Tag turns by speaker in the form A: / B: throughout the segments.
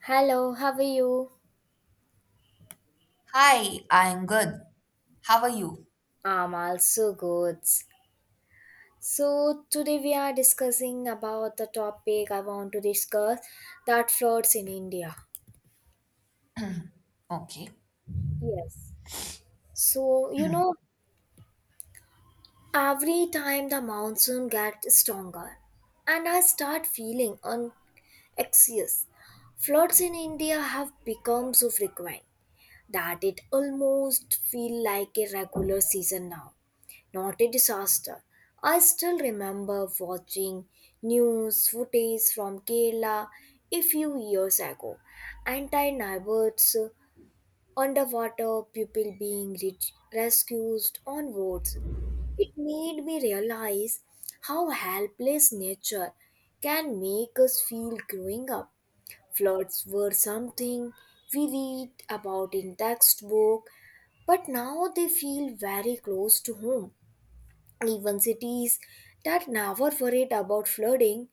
A: Hello, how are you?
B: Hi, I'm good. How are you?
A: I'm also good. So today we are discussing about the topic I want to discuss that floods in India.
B: Okay.
A: Yes. So you know, every time the monsoon gets stronger, and I start feeling anxious. Floods in India have become so frequent that it almost feel like a regular season now. Not a disaster. I still remember watching news footage from Kerala a few years ago. Anti neighborhoods underwater, people being rescued on boats. It made me realize how helpless nature can make us feel growing up. Floods were something we read about in textbook, but now they feel very close to home. Even cities that never worried about flooding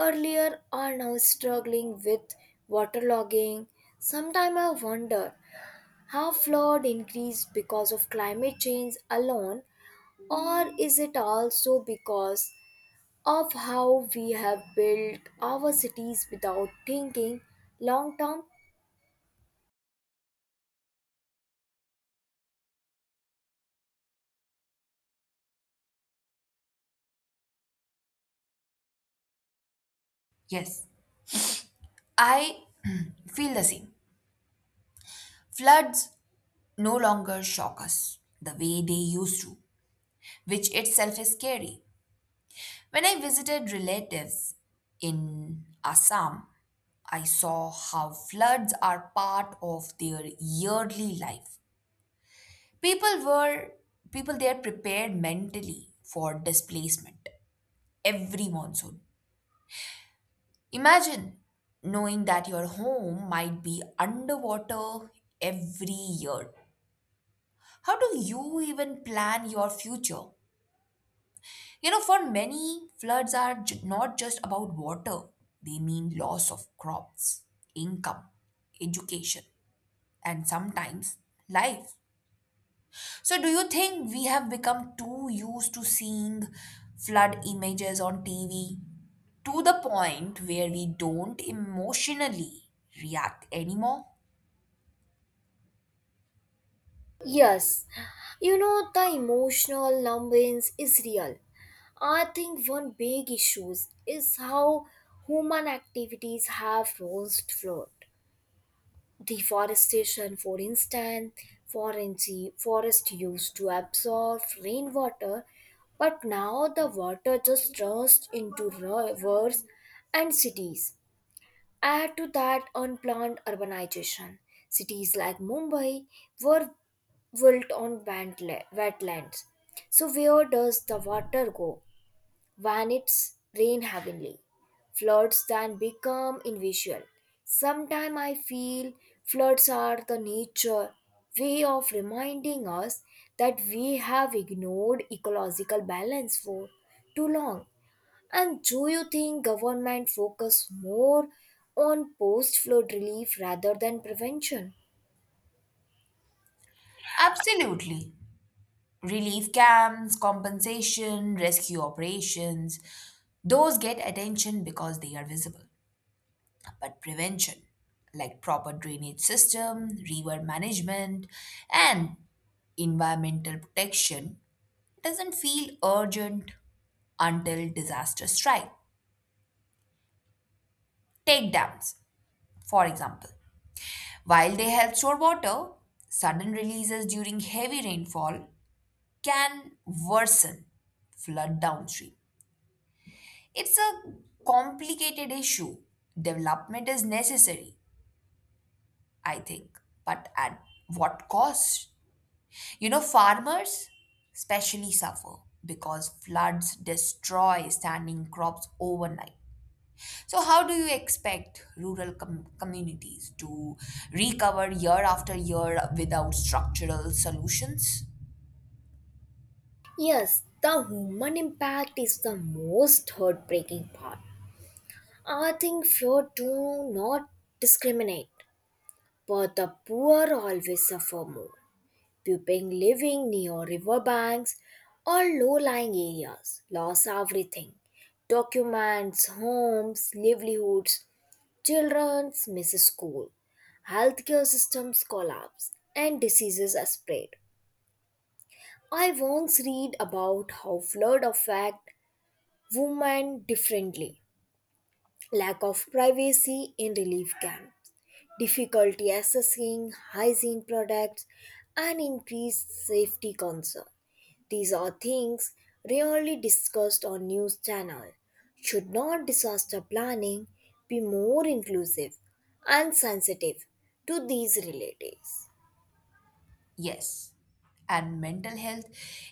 A: earlier are now struggling with waterlogging. Sometimes I wonder how flood increased because of climate change alone, or is it also because of how we have built our cities without thinking long term?
B: Yes, I feel the same. Floods no longer shock us the way they used to, which itself is scary. When I visited relatives in Assam, I saw how floods are part of their yearly life. People were People there prepared mentally for displacement every monsoon. Imagine knowing that your home might be underwater every year. How do you even plan your future? You know, for many, floods are not just about water, they mean loss of crops, income, education, and sometimes life. So, do you think we have become too used to seeing flood images on TV to the point where we don't emotionally react anymore?
A: Yes, you know, the emotional numbness is real. I think one big issue is how human activities have roused flood. Deforestation, for instance, forest forest used to absorb rainwater, but now the water just runs into rivers and cities. Add to that unplanned urbanization. Cities like Mumbai were built on wetlands. So, where does the water go when it's rain heavily? Floods then become invisible. Sometimes I feel floods are the nature way of reminding us that we have ignored ecological balance for too long. And do you think government focus more on post flood relief rather than prevention?
B: Absolutely. Relief camps, compensation, rescue operations, those get attention because they are visible. But prevention, like proper drainage system, river management, and environmental protection, doesn't feel urgent until disaster strikes. Take dams, for example. While they help store water, sudden releases during heavy rainfall can worsen flood downstream. It's a complicated issue. Development is necessary, I think, but at what cost? You know, farmers especially suffer because floods destroy standing crops overnight. So, how do you expect rural communities to recover year after year without structural solutions?
A: Yes, the human impact is the most heartbreaking part. I think flood do not discriminate, but the poor always suffer more. People living near riverbanks or low-lying areas lost everything documents, homes, livelihoods, children miss school, healthcare systems collapse, and diseases are spread. I once read about how flood affect women differently. Lack of privacy in relief camps, difficulty accessing hygiene products, and increased safety concern. These are things rarely discussed on news channel. Should not disaster planning be more inclusive and sensitive to these realities?
B: Yes, and mental health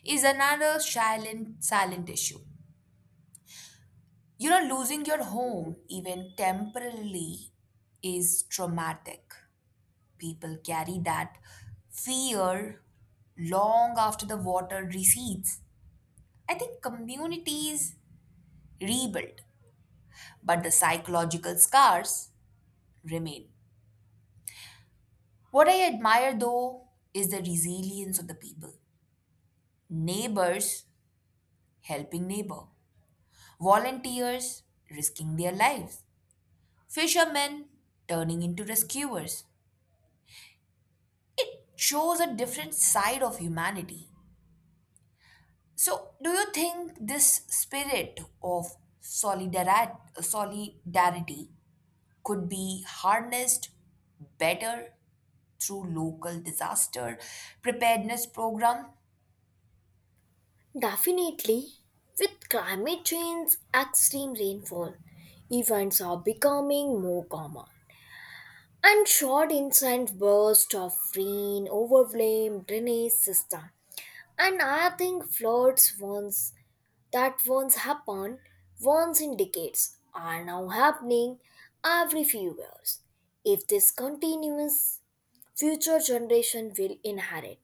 B: is another silent issue. You know, losing your home, even temporarily, is traumatic. People carry that fear long after the water recedes. I think communities rebuild, but the psychological scars remain. What I admire though is the resilience of the people. Neighbors helping neighbor, volunteers risking their lives, fishermen turning into rescuers. It shows a different side of humanity. So, do you think this spirit of solidarity could be harnessed better through local disaster preparedness program?
A: Definitely, with climate change, extreme rainfall events are becoming more common. And short intense bursts of rain overwhelm drainage system. And I think floods once that once happened once in decades are now happening every few years. If this continues, future generation will inherit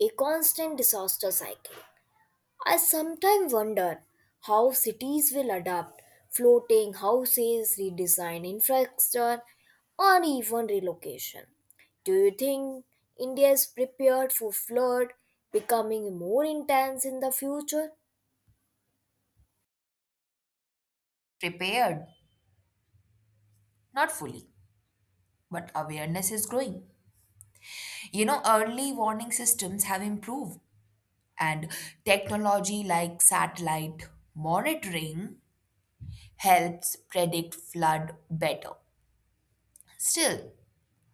A: a constant disaster cycle. I sometimes wonder how cities will adapt, floating houses, redesign infrastructure, or even relocation. Do you think India is prepared for flood becoming more intense in the future?
B: Prepared, not fully, but awareness is growing. You know, early warning systems have improved, and technology like satellite monitoring helps predict flood better. Still,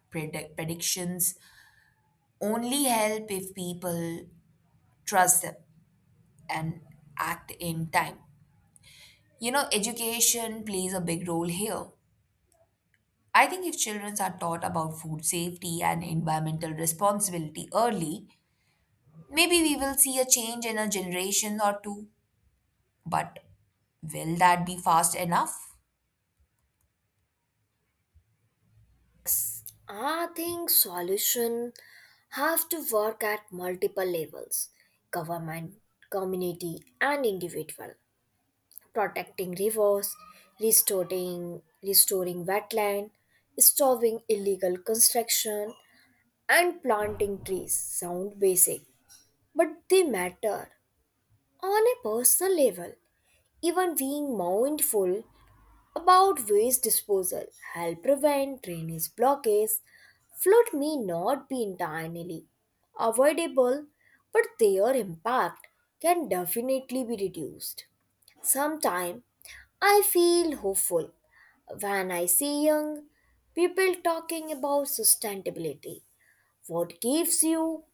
B: predictions only help if people trust them and act in time. You know, education plays a big role here. I think if children are taught about food safety and environmental responsibility early, maybe we will see a change in a generation or two. But will that be fast enough?
A: I think solution have to work at multiple levels, government, community, and individual. Protecting rivers, restoring wetland, stopping illegal construction, and planting trees sound basic, but they matter on a personal level. Even being mindful about waste disposal, help prevent drainage blockage. Flood may not be entirely avoidable, but their impact can definitely be reduced. Sometimes I feel hopeful when I see young people talking about sustainability. What gives you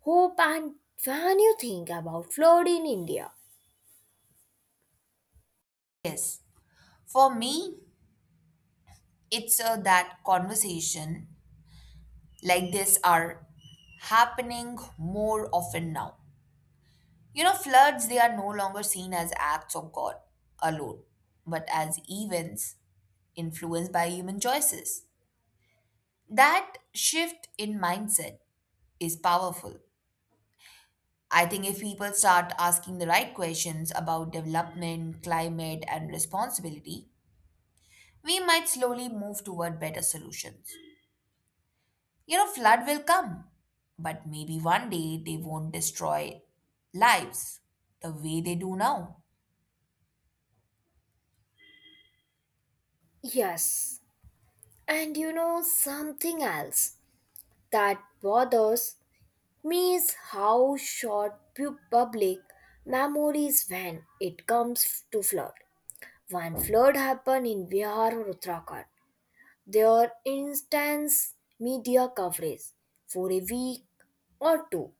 A: hope and when you think about flood in India?
B: Yes. For me, it's that conversation like this are happening more often now. You know, floods, they are no longer seen as acts of God alone, but as events influenced by human choices. That shift in mindset is powerful. I think if people start asking the right questions about development, climate, and responsibility, we might slowly move toward better solutions. You know, flood will come, but maybe one day they won't destroy lives the way they do now.
A: Yes, and you know something else that bothers me is how short public memories when it comes to flood. One flood happened in Bihar or Uttarakhand. Their instance media coverage for a week or two.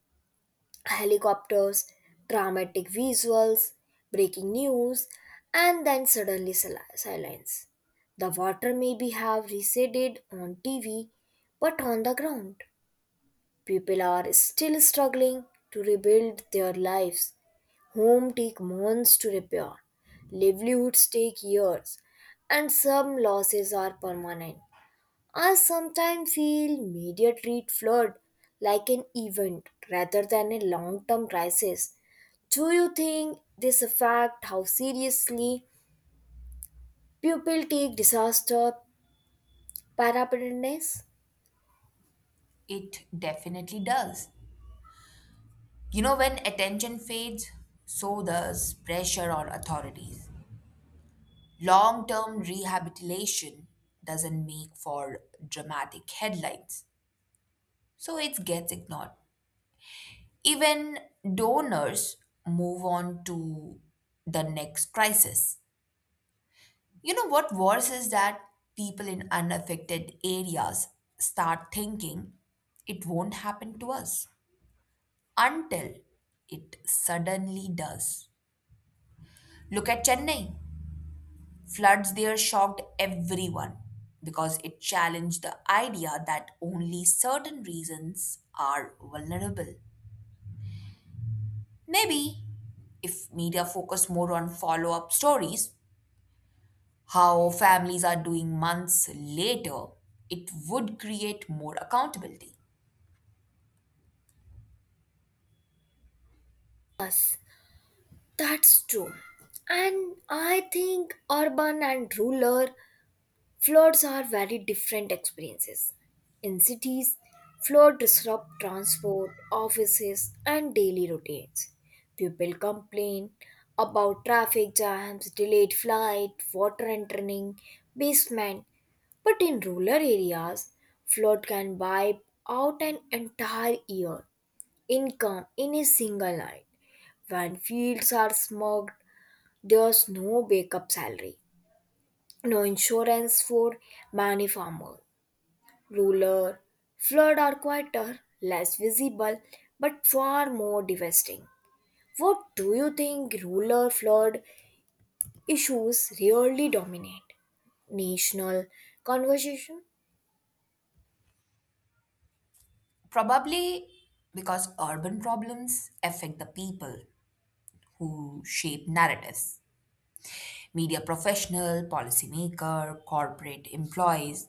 A: Helicopters, dramatic visuals, breaking news, and then suddenly silence. The water maybe have receded on TV, but on the ground. People are still struggling to rebuild their lives. Homes take months to repair, livelihoods take years, and some losses are permanent. I sometimes feel media treat flood like an event rather than a long term crisis. Do you think this affects how seriously people take disaster preparedness?
B: It definitely does. You know, when attention fades, so does pressure on authorities. Long term rehabilitation doesn't make for dramatic headlines, so it gets ignored. Even donors move on to the next crisis. You know what worse is that people in unaffected areas start thinking it won't happen to us until it suddenly does. Look at Chennai. Floods there shocked everyone because it challenged the idea that only certain regions are vulnerable. Maybe if media focus more on follow up stories, how families are doing months later, it would create more accountability.
A: That's true. And I think urban and rural floods are very different experiences. In cities, floods disrupt transport, offices, and daily routines. People complain about traffic jams, delayed flight, water entering basement. But in rural areas, flood can wipe out an entire year income in a single night. When fields are smogged, there's no backup salary, no insurance for many farmers. Ruler floods are quieter, less visible, but far more devastating. What do you think ruler flood issues really dominate? National conversation?
B: Probably because urban problems affect the people who shape narratives media professional, policymaker, corporate employees.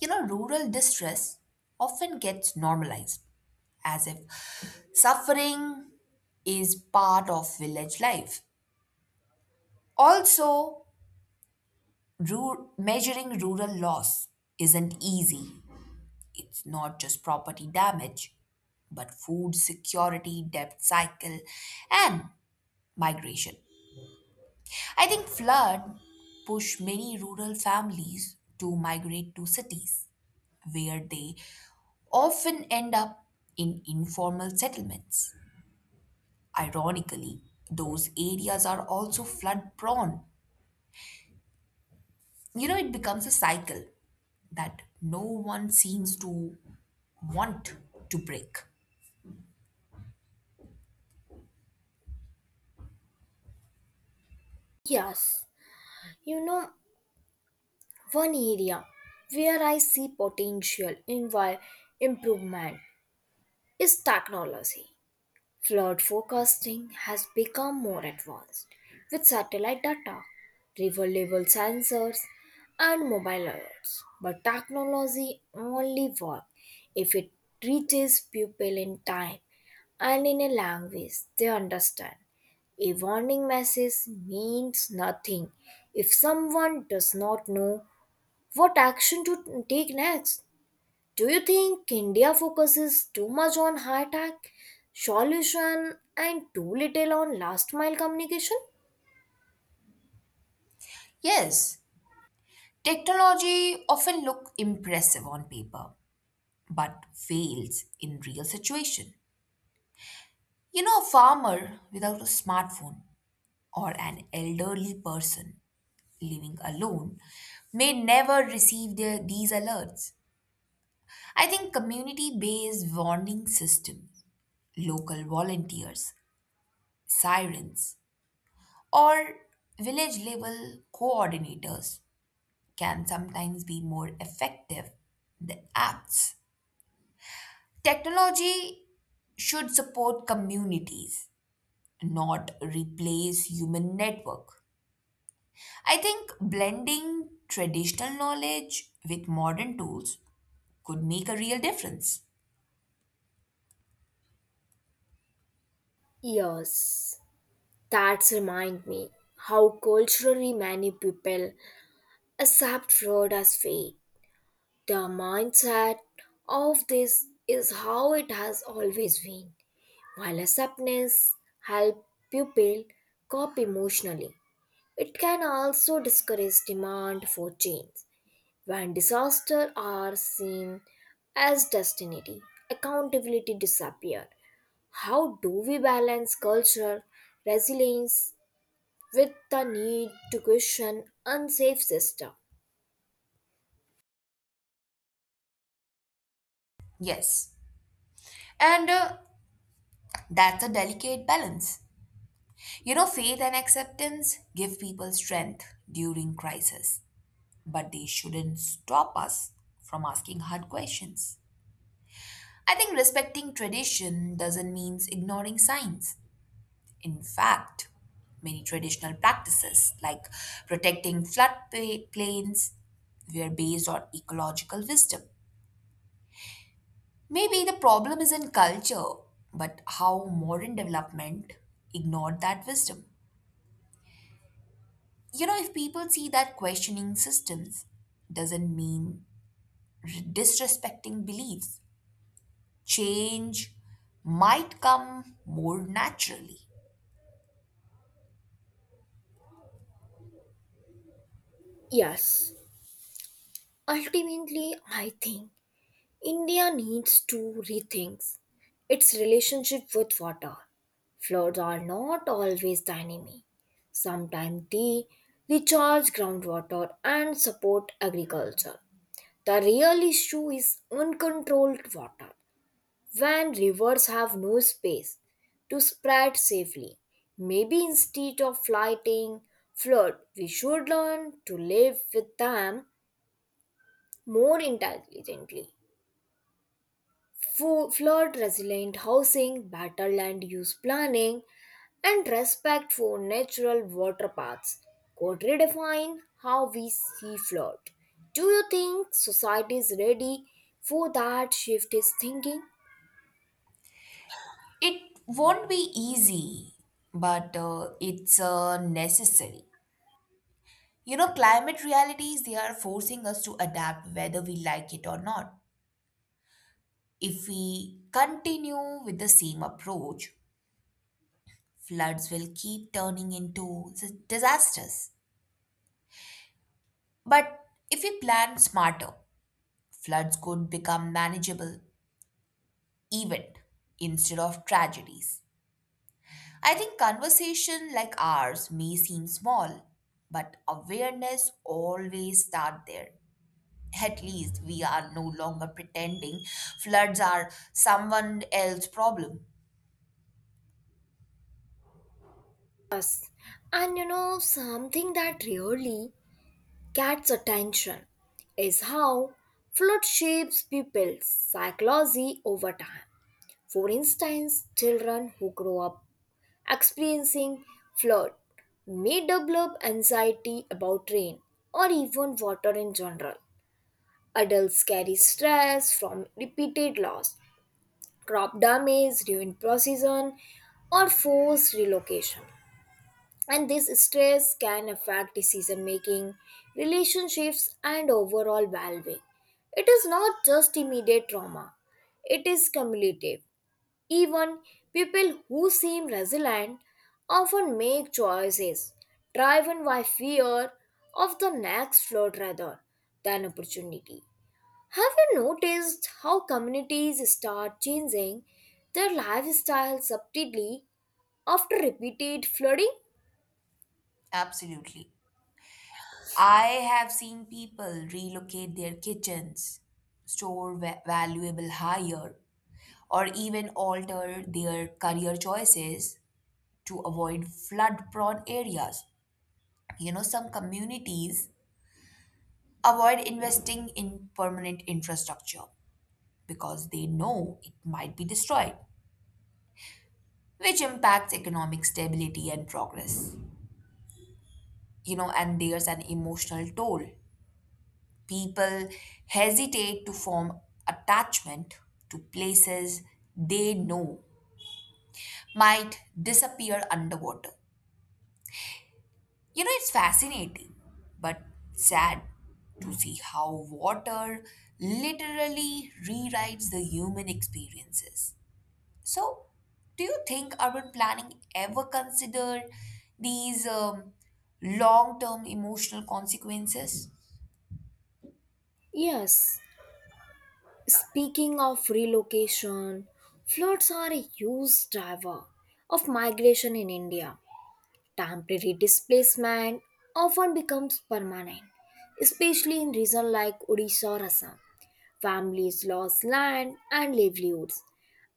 B: You know, rural distress often gets normalized as if suffering is part of village life. Also, measuring rural loss isn't easy. It's not just property damage, but food security, debt cycle, and migration. I think flood pushed many rural families to migrate to cities where they often end up in informal settlements. Ironically, those areas are also flood prone. You know, it becomes a cycle that no one seems to want to break.
A: Yes, you know, one area where I see potential in improvement is technology. Flood forecasting has become more advanced with satellite data, river level sensors, and mobile alerts. But technology only works if it reaches people in time and in a language they understand. A warning message means nothing if someone does not know what action to take next. Do you think India focuses too much on high tech solution and too little on last mile communication?
B: Yes, technology often look impressive on paper but fails in real situation. You know, a farmer without a smartphone or an elderly person living alone may never receive these alerts. I think community based warning systems, local volunteers, sirens, or village level coordinators can sometimes be more effective than apps. Technology should support communities, not replace human network. I think blending traditional knowledge with modern tools could make a real difference.
A: Yes, that's remind me how culturally many people accept fraud as fake. The mindset of this is how it has always been. While acceptance help people cope emotionally, it can also discourage demand for change. When disasters are seen as destiny, accountability disappear. How do we balance cultural resilience with the need to question unsafe system?
B: Yes. And that's a delicate balance. You know, faith and acceptance give people strength during crisis, but they shouldn't stop us from asking hard questions. I think respecting tradition doesn't mean ignoring science. In fact, many traditional practices like protecting floodplains were based on ecological wisdom. Maybe the problem isn't culture, but how modern development ignored that wisdom. You know, if people see that questioning systems doesn't mean disrespecting beliefs, change might come more naturally.
A: Yes, ultimately I think India needs to rethink its relationship with water. Floods are not always the enemy. Sometimes they recharge groundwater and support agriculture. The real issue is uncontrolled water. When rivers have no space to spread safely, maybe instead of fighting flood, we should learn to live with them more intelligently. Flood resilient housing, better land use planning, and respect for natural water paths could redefine how we see flood. Do you think society is ready for that shift is thinking?
B: It won't be easy, but it's necessary. You know, climate realities, they are forcing us to adapt whether we like it or not. If we continue with the same approach, floods will keep turning into disasters. But if we plan smarter, floods could become manageable event instead of tragedies. I think conversation like ours may seem small, but awareness always start there. At least we are no longer pretending floods are someone else's problem.
A: And you know, something that really gets attention is how flood shapes people's psychology over time. For instance, children who grow up experiencing flood may develop anxiety about rain or even water in general. Adults carry stress from repeated loss, crop damage during procession, or forced relocation. And this stress can affect decision making, relationships, and overall well being. It is not just immediate trauma, it is cumulative. Even people who seem resilient often make choices driven by fear of the next flood rather than opportunity. Have you noticed how communities start changing their lifestyle subtly after repeated flooding?
B: Absolutely. I have seen people relocate their kitchens, store valuable hire, or even alter their career choices to avoid flood prone areas. You know, some communities avoid investing in permanent infrastructure because they know it might be destroyed, which impacts economic stability and progress. You know, and there's an emotional toll. People hesitate to form attachment to places they know might disappear underwater. You know, it's fascinating, but sad to see how water literally rewrites the human experiences. So, do you think urban planning ever considered these long term emotional consequences?
A: Yes, speaking of relocation, floods are a huge driver of migration in India. Temporary displacement often becomes permanent, especially in regions like Odisha or Assam. Families lose land and livelihoods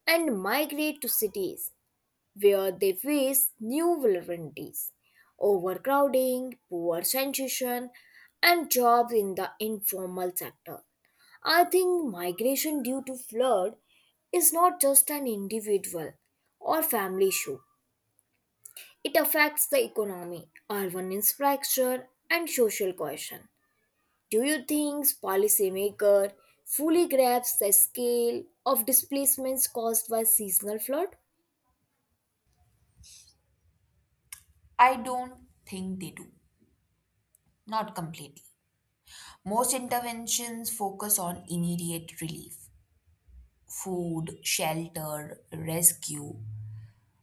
A: and migrate to cities where they face new vulnerabilities, overcrowding, poor sanitation, and jobs in the informal sector. I think migration due to flood is not just an individual or family issue. It affects the economy, urban infrastructure, and social cohesion. Do you think policymaker fully grasps the scale of displacements caused by seasonal flood?
B: I don't think they do, not completely. Most interventions focus on immediate relief, food, shelter, rescue,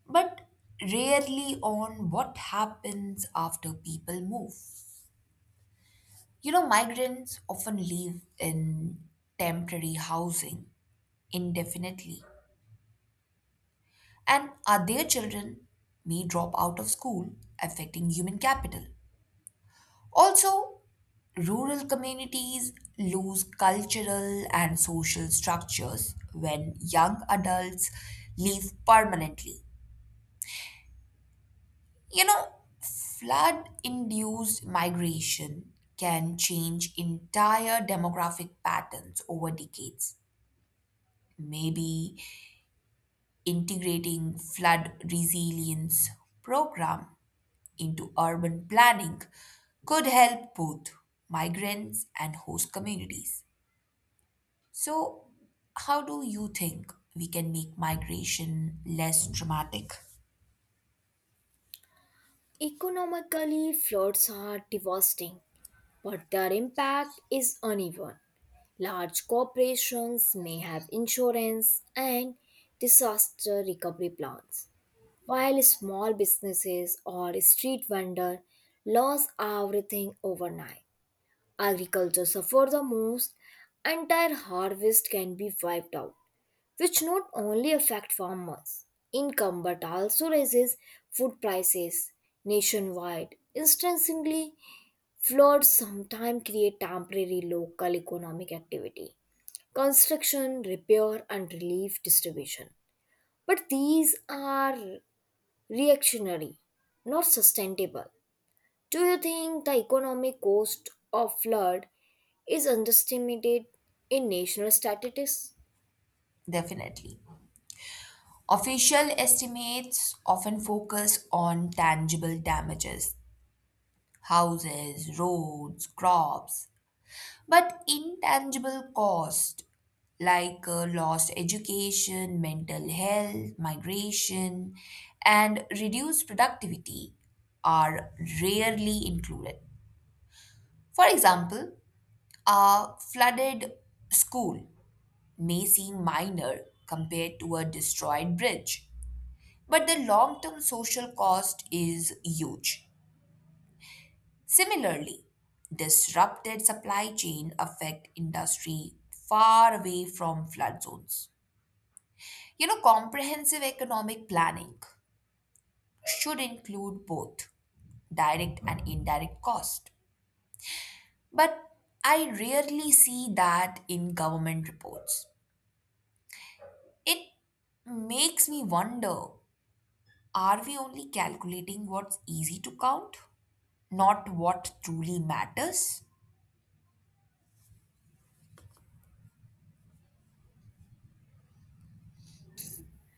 B: but rarely on what happens after people move. You know, migrants often live in temporary housing indefinitely, and their children may drop out of school, affecting human capital. Also, rural communities lose cultural and social structures when young adults leave permanently. You know, flood induced migration can change entire demographic patterns over decades. Maybe integrating flood resilience program into urban planning could help both migrants and host communities. So, how do you think we can make migration less dramatic?
A: Economically, floods are devastating, but their impact is uneven. Large corporations may have insurance and disaster recovery plans, while small businesses or street vendors lose everything overnight. Agriculture suffer the most. Entire harvest can be wiped out, which not only affect farmers' income but also raises food prices nationwide. Instantly, floods sometimes create temporary local economic activity, construction, repair, and relief distribution. But these are reactionary, not sustainable. Do you think the economic cost of flood is underestimated in national statistics?
B: Definitely. Official estimates often focus on tangible damages houses, roads, crops. But intangible cost like lost education, mental health, migration, and reduced productivity are rarely included. For example, a flooded school may seem minor compared to a destroyed bridge, but the long term social cost is huge. Similarly, disrupted supply chain affect industry far away from flood zones. You know, comprehensive economic planning should include both direct and indirect cost. But I rarely see that in government reports. It makes me wonder, are we only calculating what's easy to count, not what truly matters?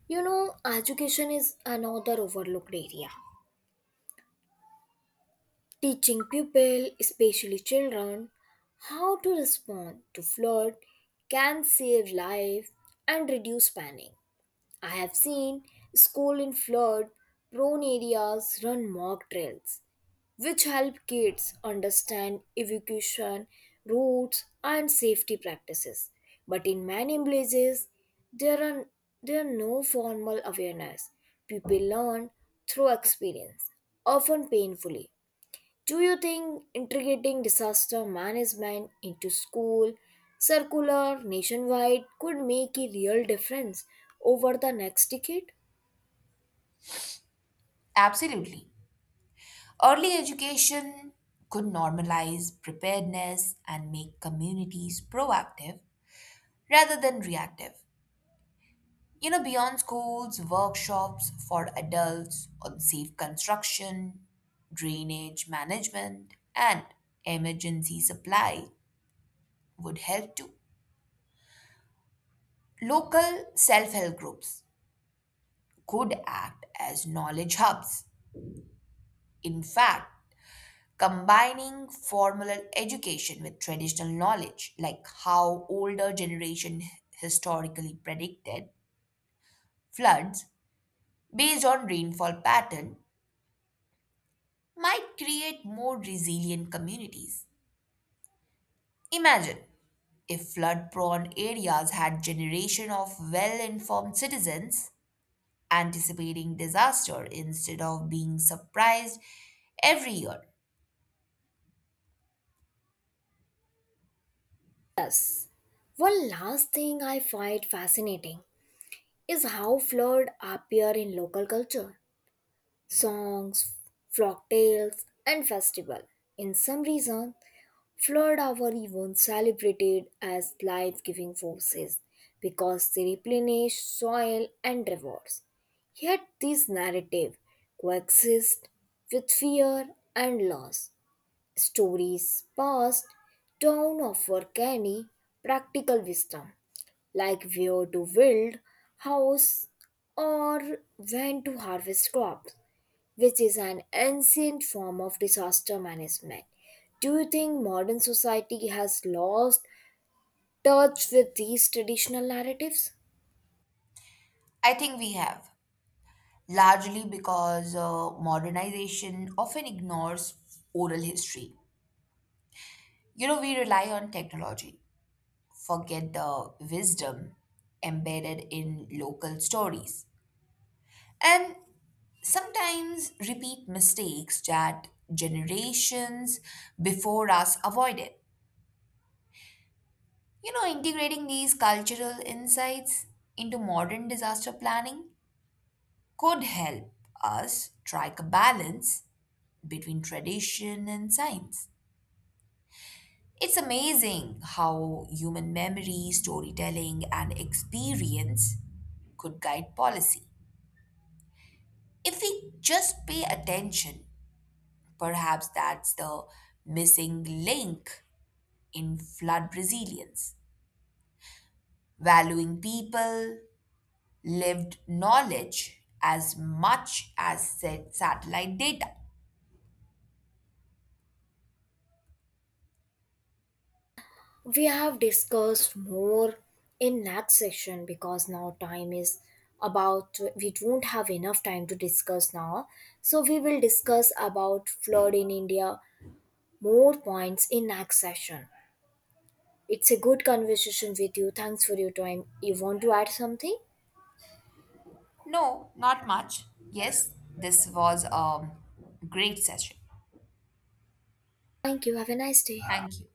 A: You know, education is another overlooked area. Teaching people, especially children, how to respond to flood can save life and reduce panic. I have seen school in flood prone areas run mock drills which help kids understand evacuation routes and safety practices. But in many places, there are, there are no formal awareness. People learn through experience, often painfully. Do you think integrating disaster management into school, circular, nationwide could make a real difference over the next decade?
B: Absolutely. Early education could normalize preparedness and make communities proactive rather than reactive. You know, beyond schools, workshops for adults on safe construction, drainage management, and emergency supply would help too. Local self help groups could act as knowledge hubs. In fact, combining formal education with traditional knowledge, like how older generation historically predicted floods based on rainfall pattern, might create more resilient communities. Imagine if flood prone areas had generation of well informed citizens anticipating disaster instead of being surprised every year.
A: Yes. One last thing I find fascinating is how flood appear in local culture, songs, folk tales, and festival. In some reason, flood are even celebrated as life-giving forces because they replenish soil and rivers. Yet this narrative coexists with fear and loss. Stories passed down offer canny practical wisdom, like where to build house or when to harvest crops, which is an ancient form of disaster management. Do you think modern society has lost touch with these traditional narratives?
B: I think we have, largely because modernization often ignores oral history. You know, we rely on technology, forget the wisdom embedded in local stories, and sometimes repeat mistakes that generations before us avoided. You know, integrating these cultural insights into modern disaster planning could help us strike a balance between tradition and science. It's amazing how human memory, storytelling, and experience could guide policy. If we just pay attention, perhaps that's the missing link in flood resilience. Valuing people, lived knowledge as much as said satellite data.
A: We have discussed more in next session because now time is about, we don't have enough time to discuss now, so we will discuss about flood in India more points in next session. It's a good conversation with you. Thanks for your time. You want to add something?
B: No, not much. Yes, this was a great session.
A: Thank you. Have a nice day.
B: Thank you.